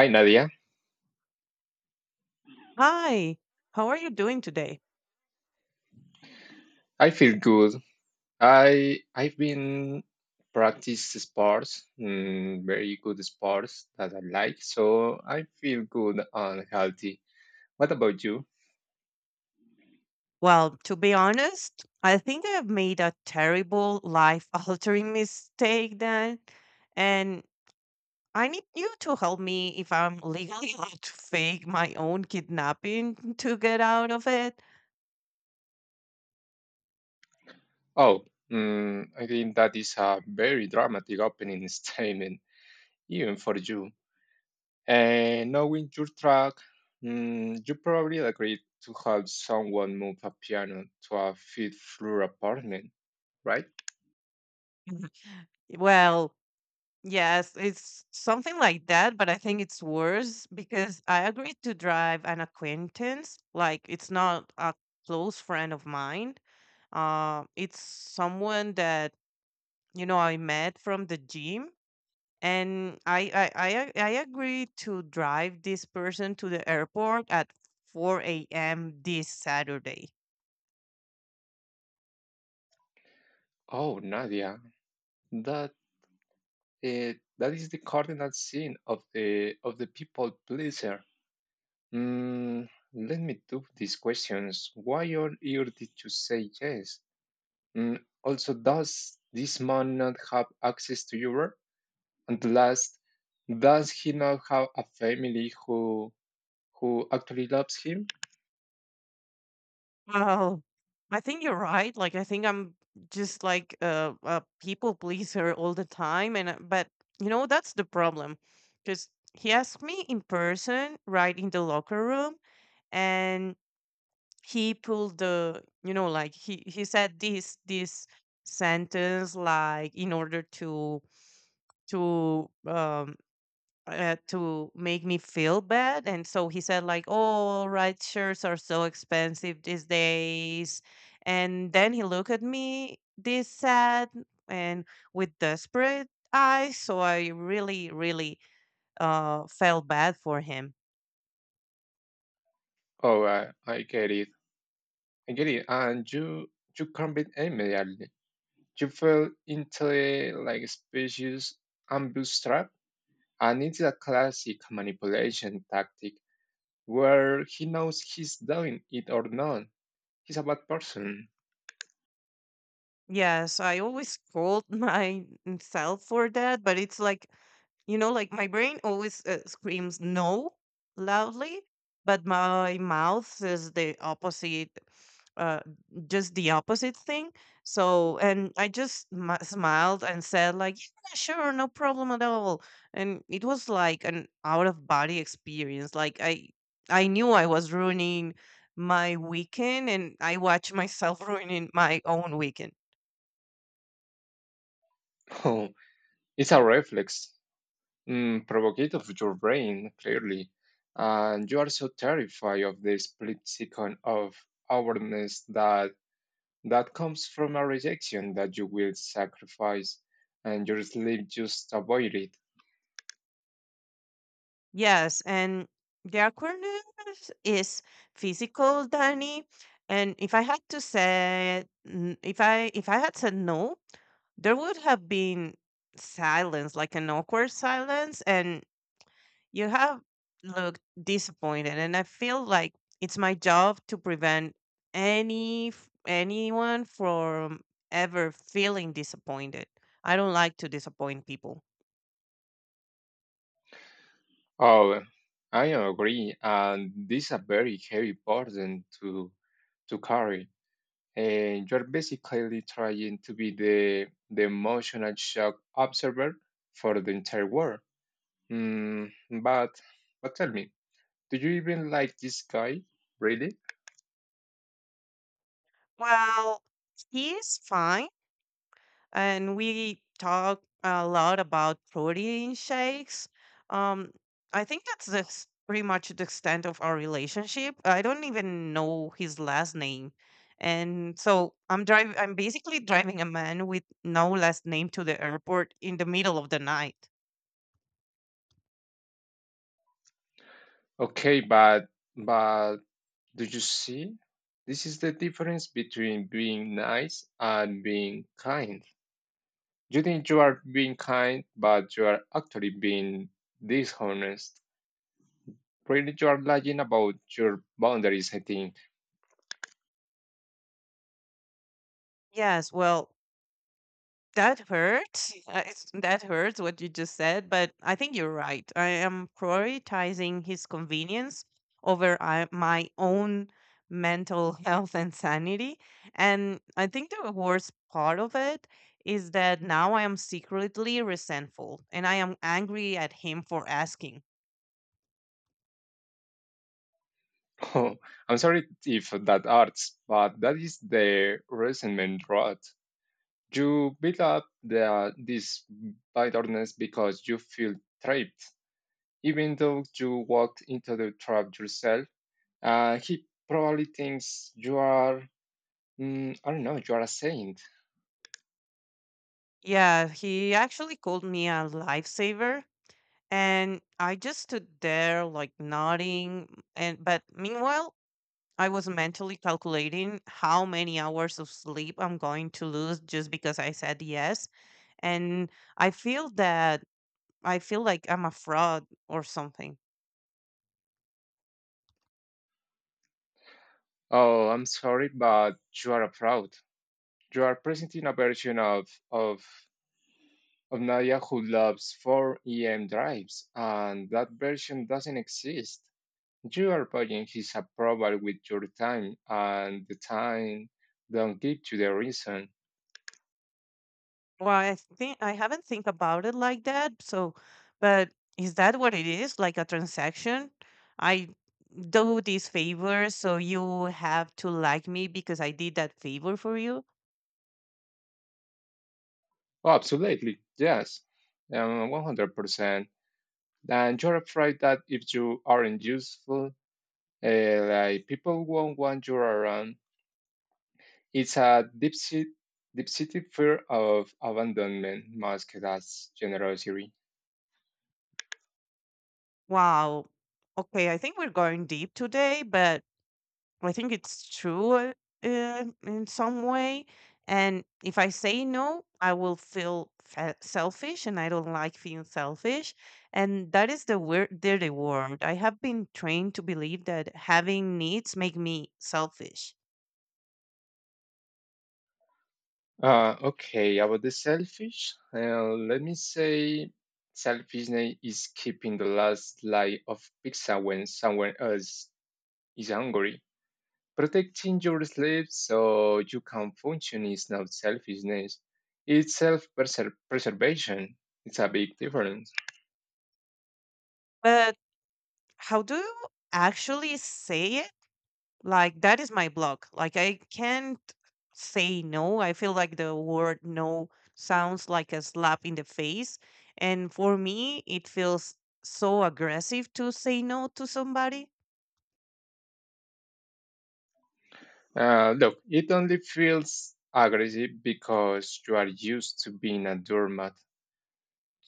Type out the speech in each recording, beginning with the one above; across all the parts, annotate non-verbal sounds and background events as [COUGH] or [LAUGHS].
Hi Nadia, Hi, how are you doing today? I feel good. I've been practice sports, very good sports that I like, so I feel good and healthy. What about you? Well, to be honest, I think I have made a terrible life-altering [LAUGHS] mistake then, and I need you to help me if I'm [LAUGHS] legally allowed to fake my own kidnapping [LAUGHS] to get out of it. Oh, I think that is a very dramatic opening [LAUGHS] statement, even for you. And knowing your track, you probably agreed to help someone move a piano to a fifth floor apartment, right? [LAUGHS] Well, yes, it's something like that, but I think it's worse because I agreed to drive an acquaintance, like it's not a close friend of mine. It's someone that you know I met from the gym, and I agreed to drive this person to the airport at 4 a.m. this Saturday. Oh, Nadia, that Uh, that is the cardinal sin of the people pleaser. Mm, let me do these questions. Why on earth did you say yes? Also, does this man not have access to Europe? And last, does he not have a family who actually loves him? Well, I think you're right. Like I think I'm just like a people pleaser [LAUGHS] all the time, and but you know that's the problem, because he asked me in person, right in the locker room, and he pulled the like he said this sentence like in order to um to make me feel bad. And so he said, like, "Oh, right, shirts are so expensive these days." And then he looked at me this sad and with desperate eyes, so I really really felt bad for him. Oh, I get it. I get it. And you can't combat immediately. You fell into a like species ambush trap, and it's a classic manipulation tactic where he knows he's doing it or not. He's a bad person. Yes, I always scold [LAUGHS] myself for that, but it's like, like my brain always screams no loudly, but my mouth says the opposite, uh, just the opposite thing. So, and I just smiled and said, like, yeah, sure, no problem at all. And it was like an out of body experience. Like, I knew I was ruining my weekend and I watched myself [LAUGHS] ruining my own weekend. [LAUGHS] Oh, it's a reflex, provoked of your brain clearly, and you are so terrified of the split second of awareness that that comes from a rejection that you will sacrifice, and your sleep just avoid it. Yes, and the awkwardness is physical, Danny. And if I had to say, n- if I had said no, there would have been silence, like an awkward silence, and you have looked disappointed. And I feel like it's my job to prevent anyone from ever feeling disappointed. I don't like to disappoint people. Oh, I agree, and this is a very heavy burden to carry. And you're basically trying to be the emotional shock observer for the entire world. Hmm, but tell me, do you even like this guy? Really? Well, he's fine, and we talk a lot about protein shakes. Um, I think that's the, pretty much the extent of our relationship. I don't even know his last name, and so I'm driving. I'm basically driving a man with no last name to the airport in the middle of the night. Okay, but do you see? This is the difference between being nice and being kind. You think you are being kind, but you are actually being dishonest. Really, you are lying about your boundaries, I think. Yes, well, that hurts. That hurts what you just said, but I think you're right. I am prioritizing his convenience over my own mental [LAUGHS] health and sanity. And I think the worst part of it is that now I am secretly resentful and I am angry at him for asking. Oh, I'm sorry if that hurts, but that is the resentment rot. You build up this bitterness because you feel trapped, even though you walked into the trap yourself. He probably thinks you are, I don't know, you are a saint. Yeah, he actually called me a lifesaver. And I just stood there like nodding, and but meanwhile I was mentally calculating how many hours of sleep I'm going to lose just because I said yes. And I feel that I feel like I'm a fraud or something. Oh, I'm sorry, but you are a fraud. You are presenting a version of Nadia who loves 4 EM drives, and that version doesn't exist. You are buying his approval with your time, and the time don't give to the reason. Well, I think I haven't think about it like that. So, but is that what it is? Like a transaction? I do this favor, so you have to like me because I did that favor for you. Oh, absolutely, yes, 100%. And you're afraid that if you aren't useful, like people won't want you around. It's a deep-seated fear of abandonment masked as generosity. Wow. Okay, I think we're going deep today, but I think it's true in some way. And if I say no, I will feel selfish, and I don't like feeling selfish. And that is the word, dirty word. I have been trained to believe that having needs make me selfish. Okay, about the selfish, let me say selfishness is keeping the last slice of pizza when someone else is hungry. Protecting your sleep so you can function is not selfishness, it's self preservation. It's a big difference. But how do you actually say? Like, that is my block. Like I can't say no. I feel like the word no sounds like a slap in the face. And for me, it feels so aggressive to say no to somebody. Look, it only feels aggressive because you are used to being a doormat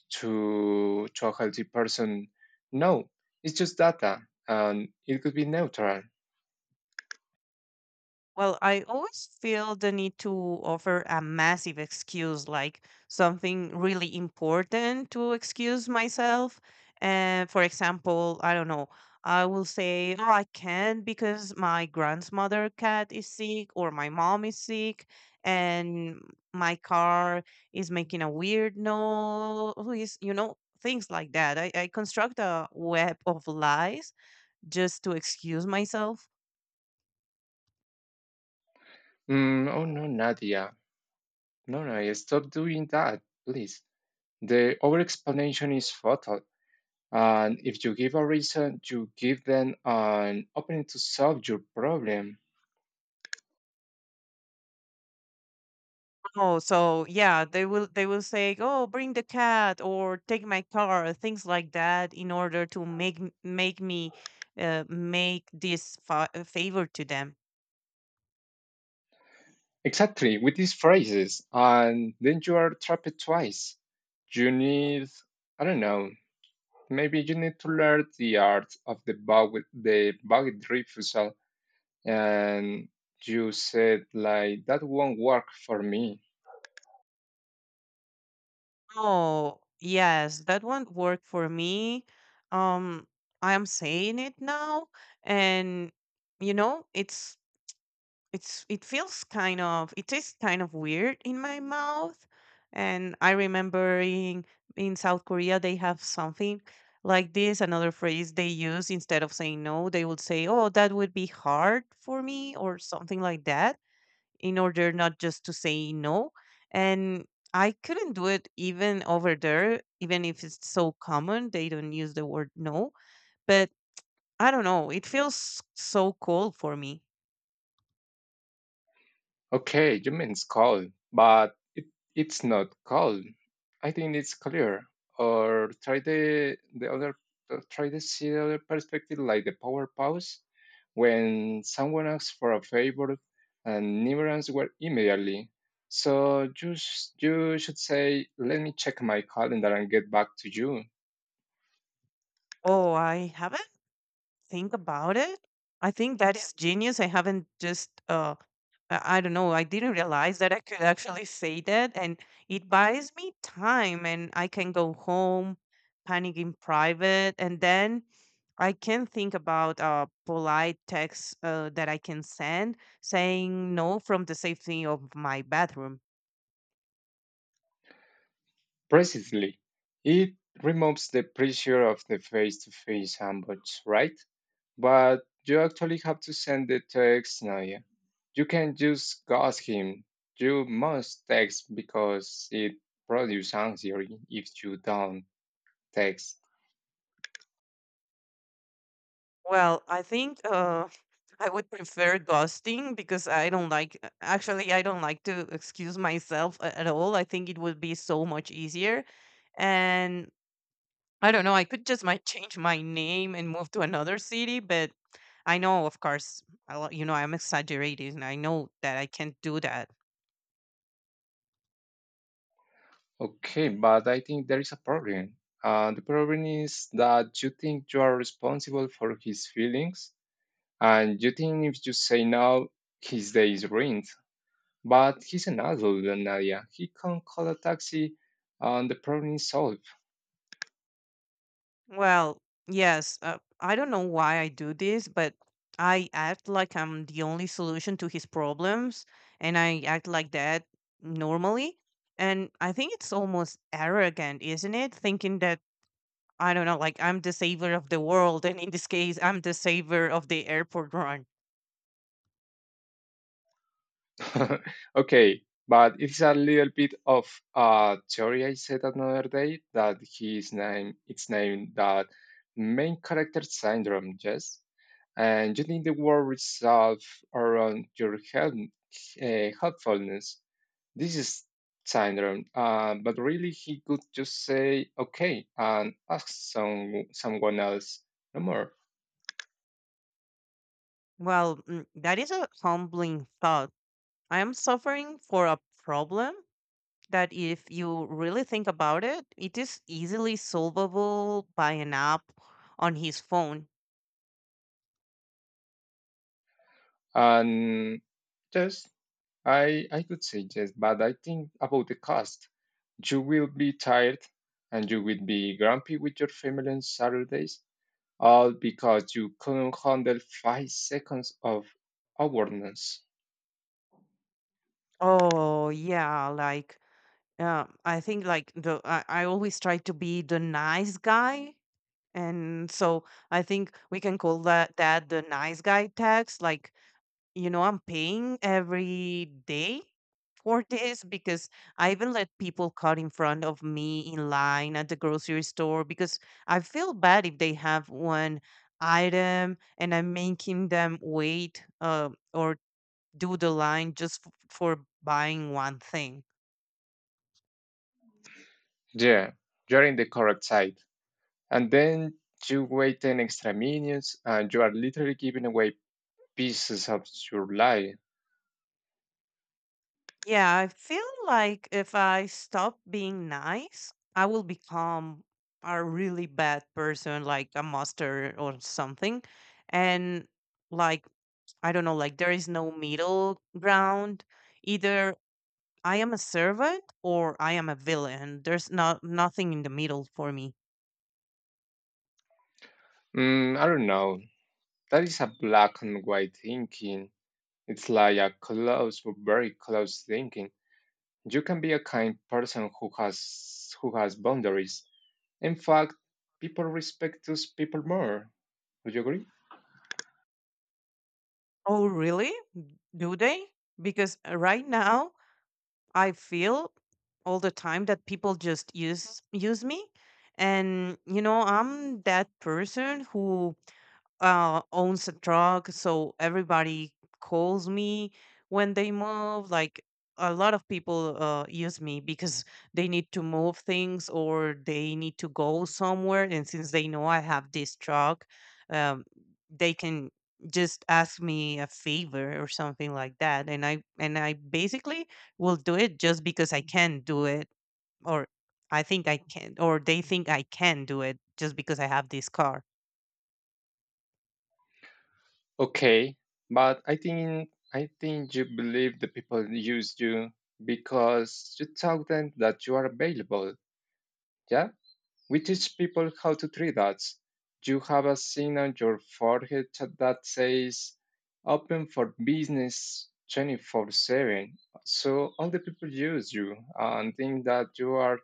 to a healthy person. No, it's just data and it could be neutral. Well, I always feel the need to offer a massive excuse, like something really important to excuse myself. And for example, I don't know, I will say, oh, I can't because my grandmother cat is sick, or my mom is sick and my car is making a weird noise, things like that. I construct a web of lies just to excuse myself. Oh no, Nadia. No, no, stop doing that, please. The overexplanation is fatal. And if you give a reason, you give them an opening to solve your problem. Oh, so yeah, they will say, "Oh, bring the cat or take my car," things like that, in order to make m- make me make this favor to them. Exactly, with these phrases. And then you are trapped twice. You need, I don't know, maybe you need to learn the art of the bug refusal. And you said, like, that won't work for me. Oh, yes, that won't work for me. Um, I am saying it now, and you know, it feels kind of it tastes kind of weird in my mouth. And I remember in South Korea they have something like this, another phrase they use instead of saying no. They would say, "Oh, that would be hard for me," or something like that, in order not just to say no. And I couldn't do it even over there, even if it's so common. They don't use the word no, but I don't know, it feels so cold for me. Okay, you mean it's cold, but it, it's not cold. I think it's clear. Or try the other try to see the other perspective, like the power pause, when someone asks for a favor and never answer immediately. So you you should say, "Let me check my calendar and get back to you." Oh, I haven't think about it, I think that is genius. I don't know, I didn't realize that I could actually say that, and it buys me time and I can go home, panic in private, and then I can think about polite texts that I can send saying no from the safety of my bathroom. Precisely, it removes the pressure of the face-to-face ambush, right? But you actually have to send the text now. Yeah. You can just ask him. You must text because it produces anxiety if you don't text. Well, I think [LAUGHS] I would prefer ghosting because I don't like to excuse myself at all. I think it would be so much easier. And I don't know, I could just might change my name and move to another city, but I know, of course, I'm exaggerating. I know that I can't do that. Okay, but I think there is a problem. The problem is that you think you are responsible for his feelings, and you think if you say no, his day is ruined. But he's an adult, Nadia. He can call a taxi, and the problem is solved. Well, yes, I don't know why I do this, but I act like I'm the only solution to his problems, and I act like that normally. And I think it's almost arrogant, isn't it? Thinking that, I don't know, like I'm the savior of the world, and in this case, I'm the savior of the airport run. [LAUGHS] Okay, but it's a little bit of a theory I said another day that his name it's named that main character syndrome, yes. And you need the word resolve around your help, helpfulness. This is syndrome, but really he could just say okay and ask someone else no more. Well, that is a humbling thought. I am suffering for a problem that if you really think about it, it is easily solvable by an app on his phone. And yes, I could say yes, but I think about the cost. You will be tired and you will be grumpy with your family on Saturdays, all because you couldn't handle 5 seconds of awareness. Oh, yeah. Like, I think like I always try to be the nice guy, and so I think we can call that the nice guy text. Like, I'm paying every day for this because I even let people cut in front of me in line at the grocery store because I feel bad if they have one item and I'm making them wait, or do the line just for buying one thing. Yeah, you're in the correct side. And then you wait 10 extra minutes and you are literally giving away pieces of your life. Yeah, I feel like if I stop being nice I will become a really bad person, like a monster or something. And like, I don't know, like there is no middle ground. Either I am a servant or I am a villain. There's not nothing in the middle for me. I don't know. That is a black and white thinking. It's like a close, very close thinking. You can be a kind person who has boundaries. In fact, people respect those people more. Would you agree? Oh, really? Do they? Because right now I feel all the time that people just use me. And I'm that person who owns a truck, so everybody calls me when they move. Like a lot of people use me because they need to move things or they need to go somewhere. And since they know I have this truck, um, they can just ask me a favor or something like that. And I basically will do it just because I can do it, or I think I can, or they think I can do it just because I have this car. Okay, but I think you believe the people use you because you tell them that you are available. Yeah. We teach people how to treat that. You have a sign on your forehead that says open for business 24/7. So all the people use you and think that you are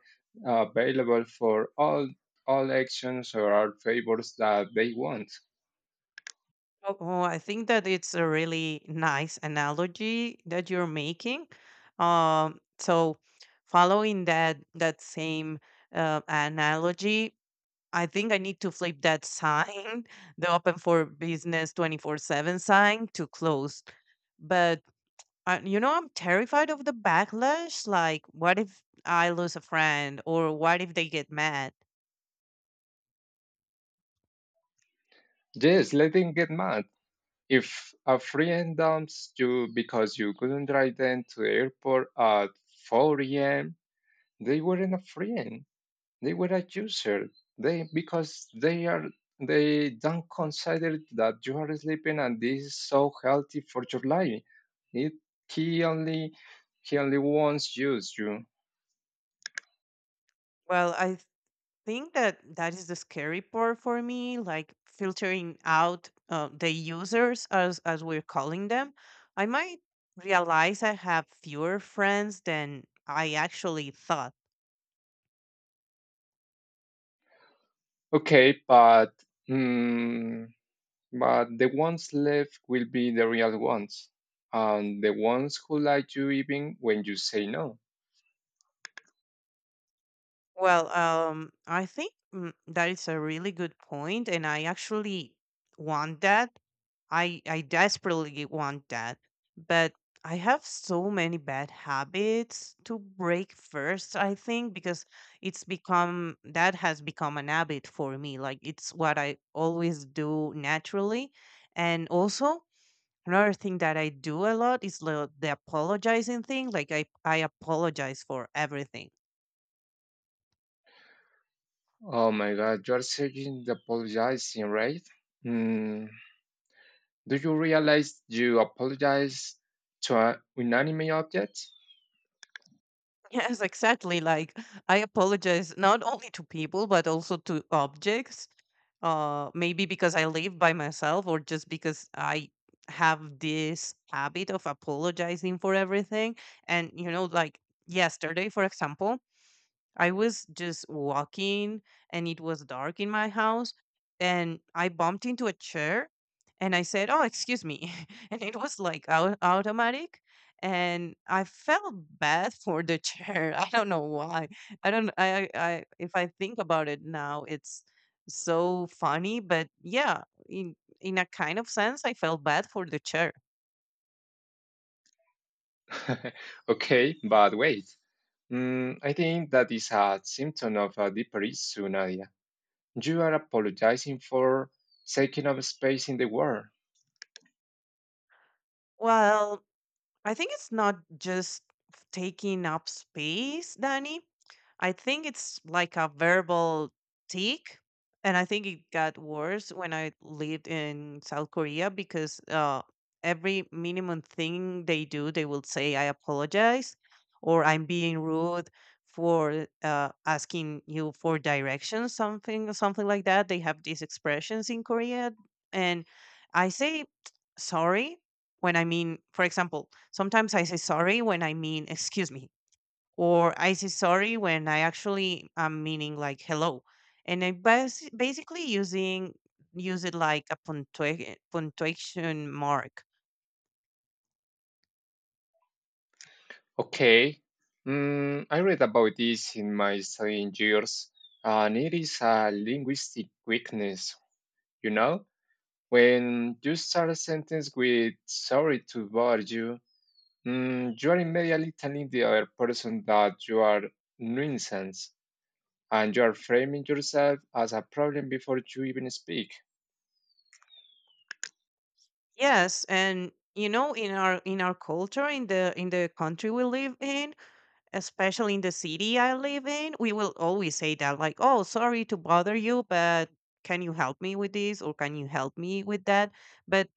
available for all actions or all favors that they want. Oh, I think that it's a really nice analogy that you're making. So, following that same analogy, I think I need to flip that sign, [LAUGHS] the open for business 24/7 sign, to closed. But I'm terrified of the backlash. Like, what if I lose a friend, or what if they get mad? Yes, letting get mad. If a friend dumps you because you couldn't drive them to the airport at 4 a.m., they weren't a friend. They were a user. They because they don't consider that you are sleeping and this is so healthy for your life. It he only he only wants use you. Well, I think that that is the scary part for me, like filtering out the users, as we're calling them. I might realize I have fewer friends than I actually thought. Okay, but mm, but the ones left will be the real ones, and the ones who like you even when you say no. Well, I think, that is a really good point, and I actually want that. I desperately want that, but I have so many bad habits to break first, I think, because it's become that has become an habit for me. Like it's what I always do naturally. And also another thing that I do a lot is the apologizing thing. Like I apologize for everything. Oh my God, you're saying the apologizing, right? Mm. Do you realize you apologize to an inanimate object? Yes, exactly. Like I apologize not only to people but also to objects. Maybe because I live by myself or just because I have this habit of apologizing for everything. And you know, like yesterday, for example, I was just walking, and it was dark in my house, and I bumped into a chair and I said, "Oh, excuse me." [LAUGHS] And it was like automatic, and I felt bad [LAUGHS] for the chair. [LAUGHS] I don't know why. I don't I- If I think about it now, it's so funny, but yeah, in in a kind of sense I felt bad for the chair. [LAUGHS] Okay, but wait. I think that is a symptom of a deeper issue, Nadia. You are apologizing for taking up space in the world. Well, I think it's not just taking up space, Danny. I think it's like a verbal tick. And I think it got worse when I lived in South Korea because every minimum thing they do, they will say, I apologize or I'm being rude for asking you for directions, something, something like that. They have these expressions in Korea. And I say [TSK] sorry when I mean, for example, sometimes I say sorry when I mean excuse me, or I say sorry when I actually am meaning like hello. And I basically using use it like a punctuation mark. Okay. I read about this in my studying years, and it is a linguistic weakness. You know, when you start a sentence with "sorry to bother you," you are immediately telling the other person that you are nuisance and you are framing yourself as a problem before you even speak. Yes, and you know, in our culture, in the country we live in, especially in the city I live in, we will always say that like, "Oh, sorry to bother you, but can you help me with this or can you help me with that?" But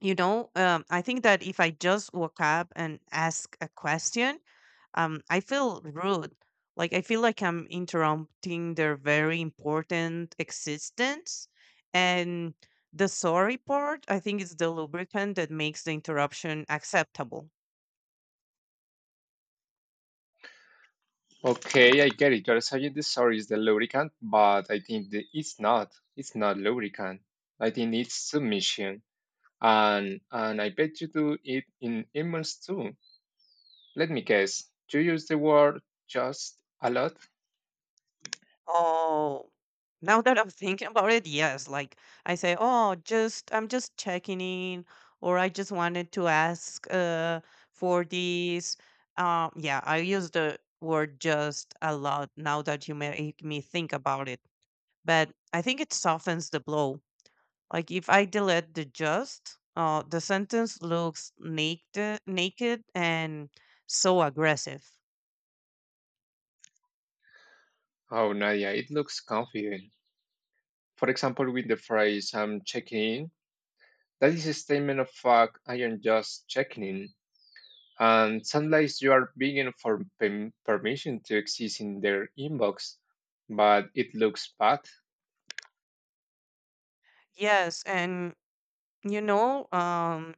I think that if I just woke up and ask a question, I feel rude, like I feel like I'm interrupting their very important existence, and the sorry part, I think, is the lubricant that makes the interruption acceptable. Okay, I get it. You're saying this sorry is the lubricant, but I think that it's not. It's not lubricant. I think it's submission. And I bet you do it in emails too. Let me guess. You use the word just a lot? Oh, now that I'm thinking about it, yes. Like I say, oh, just I'm just checking in, or I just wanted to ask for this. Yeah, I use the word just a lot now that you make me think about it. But I think it softens the blow. Like if I delete the just, the sentence looks naked, naked and so aggressive. Oh Nadia, it looks confident. For example, with the phrase I'm checking in. That is a statement of fact. I am just checking in. And sometimes you are begging for permission to exist in their inbox, but it looks bad. Yes, and you know, um,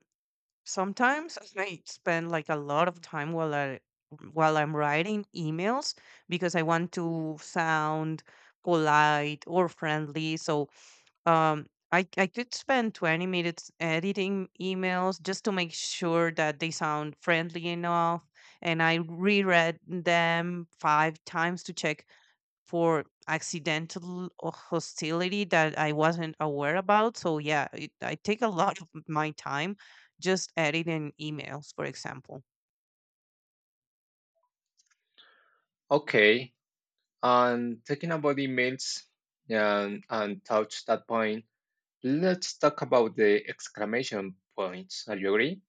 sometimes I spend like a lot of time while I'm writing emails because I want to sound polite or friendly. So um, I could spend 20 minutes editing emails just to make sure that they sound friendly enough. And I reread them five times to check for accidental or hostility that I wasn't aware about. So yeah, it, I take a lot of my time just editing emails, for example. Okay. And talking about emails and touch that point, let's talk about the exclamation points. Are you agree?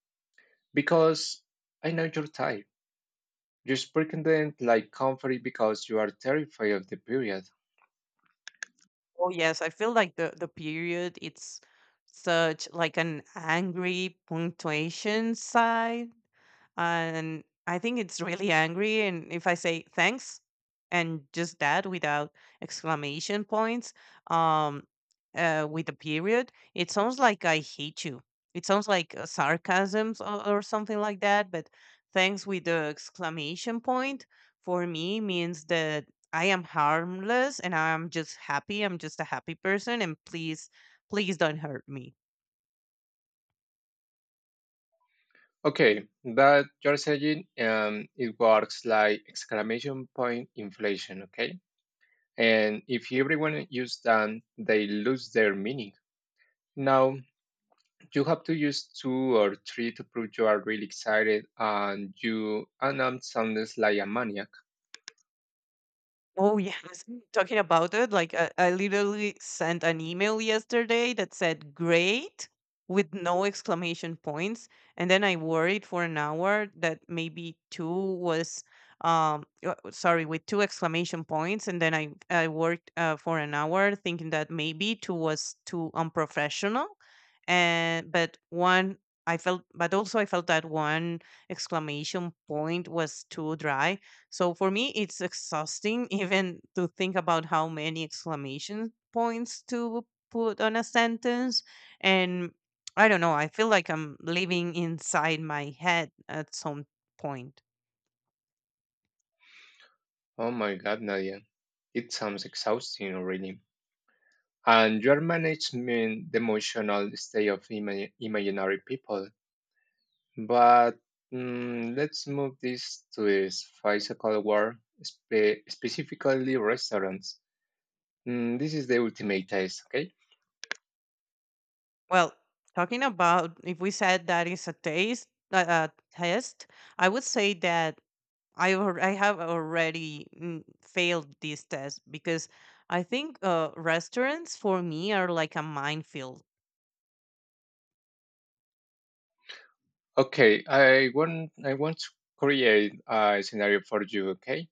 Because I know your type. You sprinkle them like comfort because you are terrified of the period. Oh yes, I feel like the period, it's such like an angry punctuation sign, and I think it's really angry. And if I say thanks and just that without exclamation points, um, with a period, it sounds like I hate you. It sounds like sarcasms, or something like that. But thanks with the exclamation point, for me, means that I am harmless and I'm just happy. I'm just a happy person. And please, please don't hurt me. Okay, that you're saying it works like exclamation point inflation, okay? And if everyone uses them, they lose their meaning. Now, you have to use two or three to prove you are really excited and you and I'm soundless like a maniac. Oh yes, talking about it, like I literally sent an email yesterday that said "great" with no exclamation points, and then I worried for an hour that maybe two was sorry, with two exclamation points, and then I worked for an hour thinking that maybe two was too unprofessional, and but one I felt, but also I felt that one exclamation point was too dry. So for me, it's exhausting [LAUGHS] even to think about how many exclamation points to put on a sentence. And I don't know, I feel like I'm living inside my head at some point. Oh my god, Nadia. It sounds exhausting already. And your management the emotional state of imaginary people. But let's move this to this physical world, specifically restaurants. This is the ultimate test, okay? Well, talking about if we said that is a taste, a test, I would say that I have already mm, failed this test because I think restaurants for me are like a minefield. Okay, I want to create a scenario for you, okay?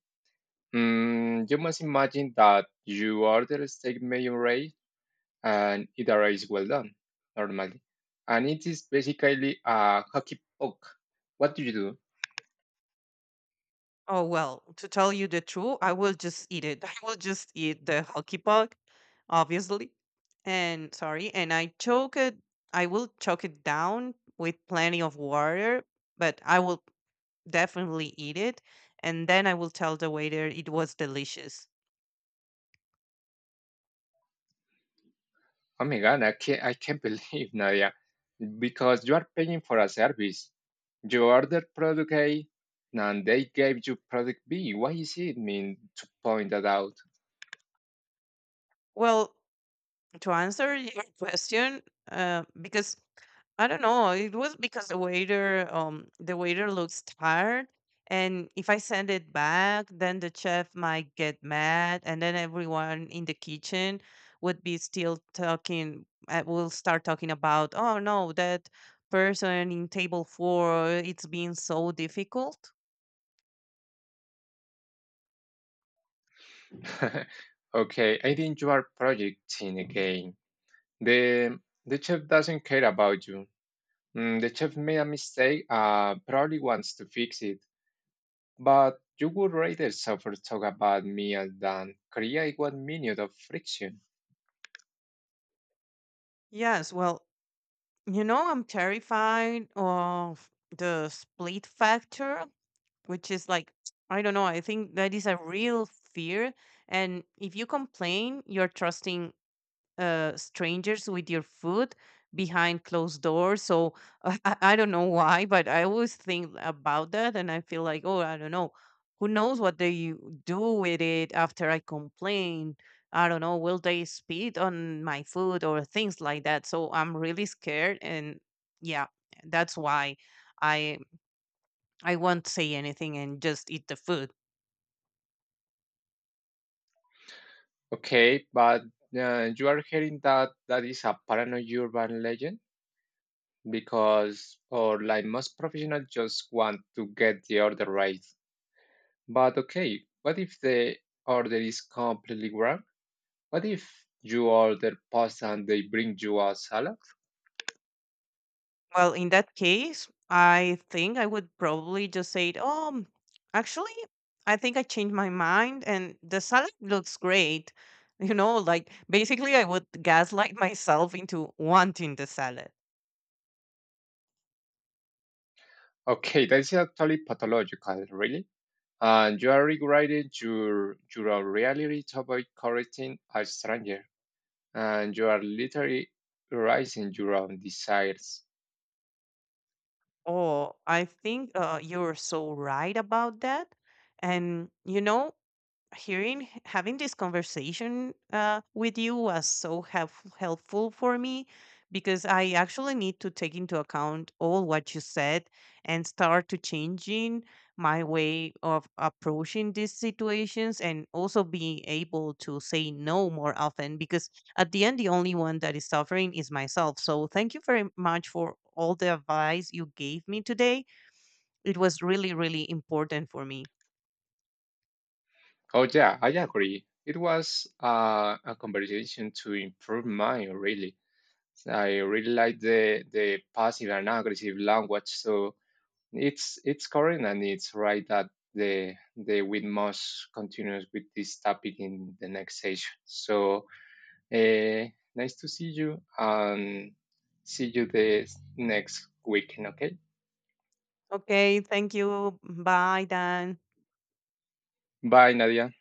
You must imagine that you order a steak medium rare and it arrives well done, normally. And it is basically a hockey puck. What do you do? Oh well, to tell you the truth, I will just eat it. [LAUGHS] I will just eat the hockey puck, obviously. And sorry, and I choke it. I will choke it down with plenty of water, but I will definitely eat it, and then I will tell the waiter it was delicious. Oh my god, I can't [LAUGHS] believe Nadia. Because you are paying for a service. You ordered product A and they gave you product B. Why is it mean to point that out? Well, to answer your [LAUGHS] question, because I don't know. It was because the waiter looks tired, and if I send it back, then the chef might get mad, and then everyone in the kitchen would be still talking. Will start talking about, oh no, that person in table four, it's been so difficult. [LAUGHS] Okay, I think you are projecting again. The chef doesn't care about you. The chef made a mistake, probably wants to fix it. But you would rather suffer talk about meal than create 1 minute of friction. Yes, well, you know, I'm terrified of the split factor, which is like I don't know. I think that is a real fear, and if you complain, you're trusting strangers with your food behind closed doors. So [LAUGHS] I don't know why, but I always think about that, and I feel like, oh, I don't know. Who knows what they do with it after I complain? I don't know. Will they spit on my food or things like that? So I'm really scared, and yeah, that's why I I won't say anything and just eat the food. Okay, but you are hearing that that is a paranoid urban legend? Because or like most professionals just want to get the order right. But okay, what if the order is completely wrong? What if you order pasta and they bring you a salad? Well, in that case, I think I would probably just say, "Oh, actually, I think I changed my mind, and the salad looks great." [LAUGHS] You know, like basically, I would gaslight [LAUGHS] myself into wanting the salad. Okay, that's actually pathological, really. And you are regretting your reality to avoid correcting a stranger. And you are literally raising your own desires. Oh, I think you're so right about that. And you know, hearing having this conversation with you was so helpful for me because I actually need to take into account all what you said and start to changing my way of approaching these situations, and also being able to say no more often, because at the end, the only one that is suffering is myself. So thank you very much for all the advice you gave me today. It was really, really important for me. Oh yeah, I agree. It was a conversation to improve mine, really. I really like the passive and aggressive language. So it's current and it's right that the we must continue with this topic in the next session. So uh, nice to see you and see you the next weekend. Okay, Okay, thank you. Bye, Dan. bye, Nadia.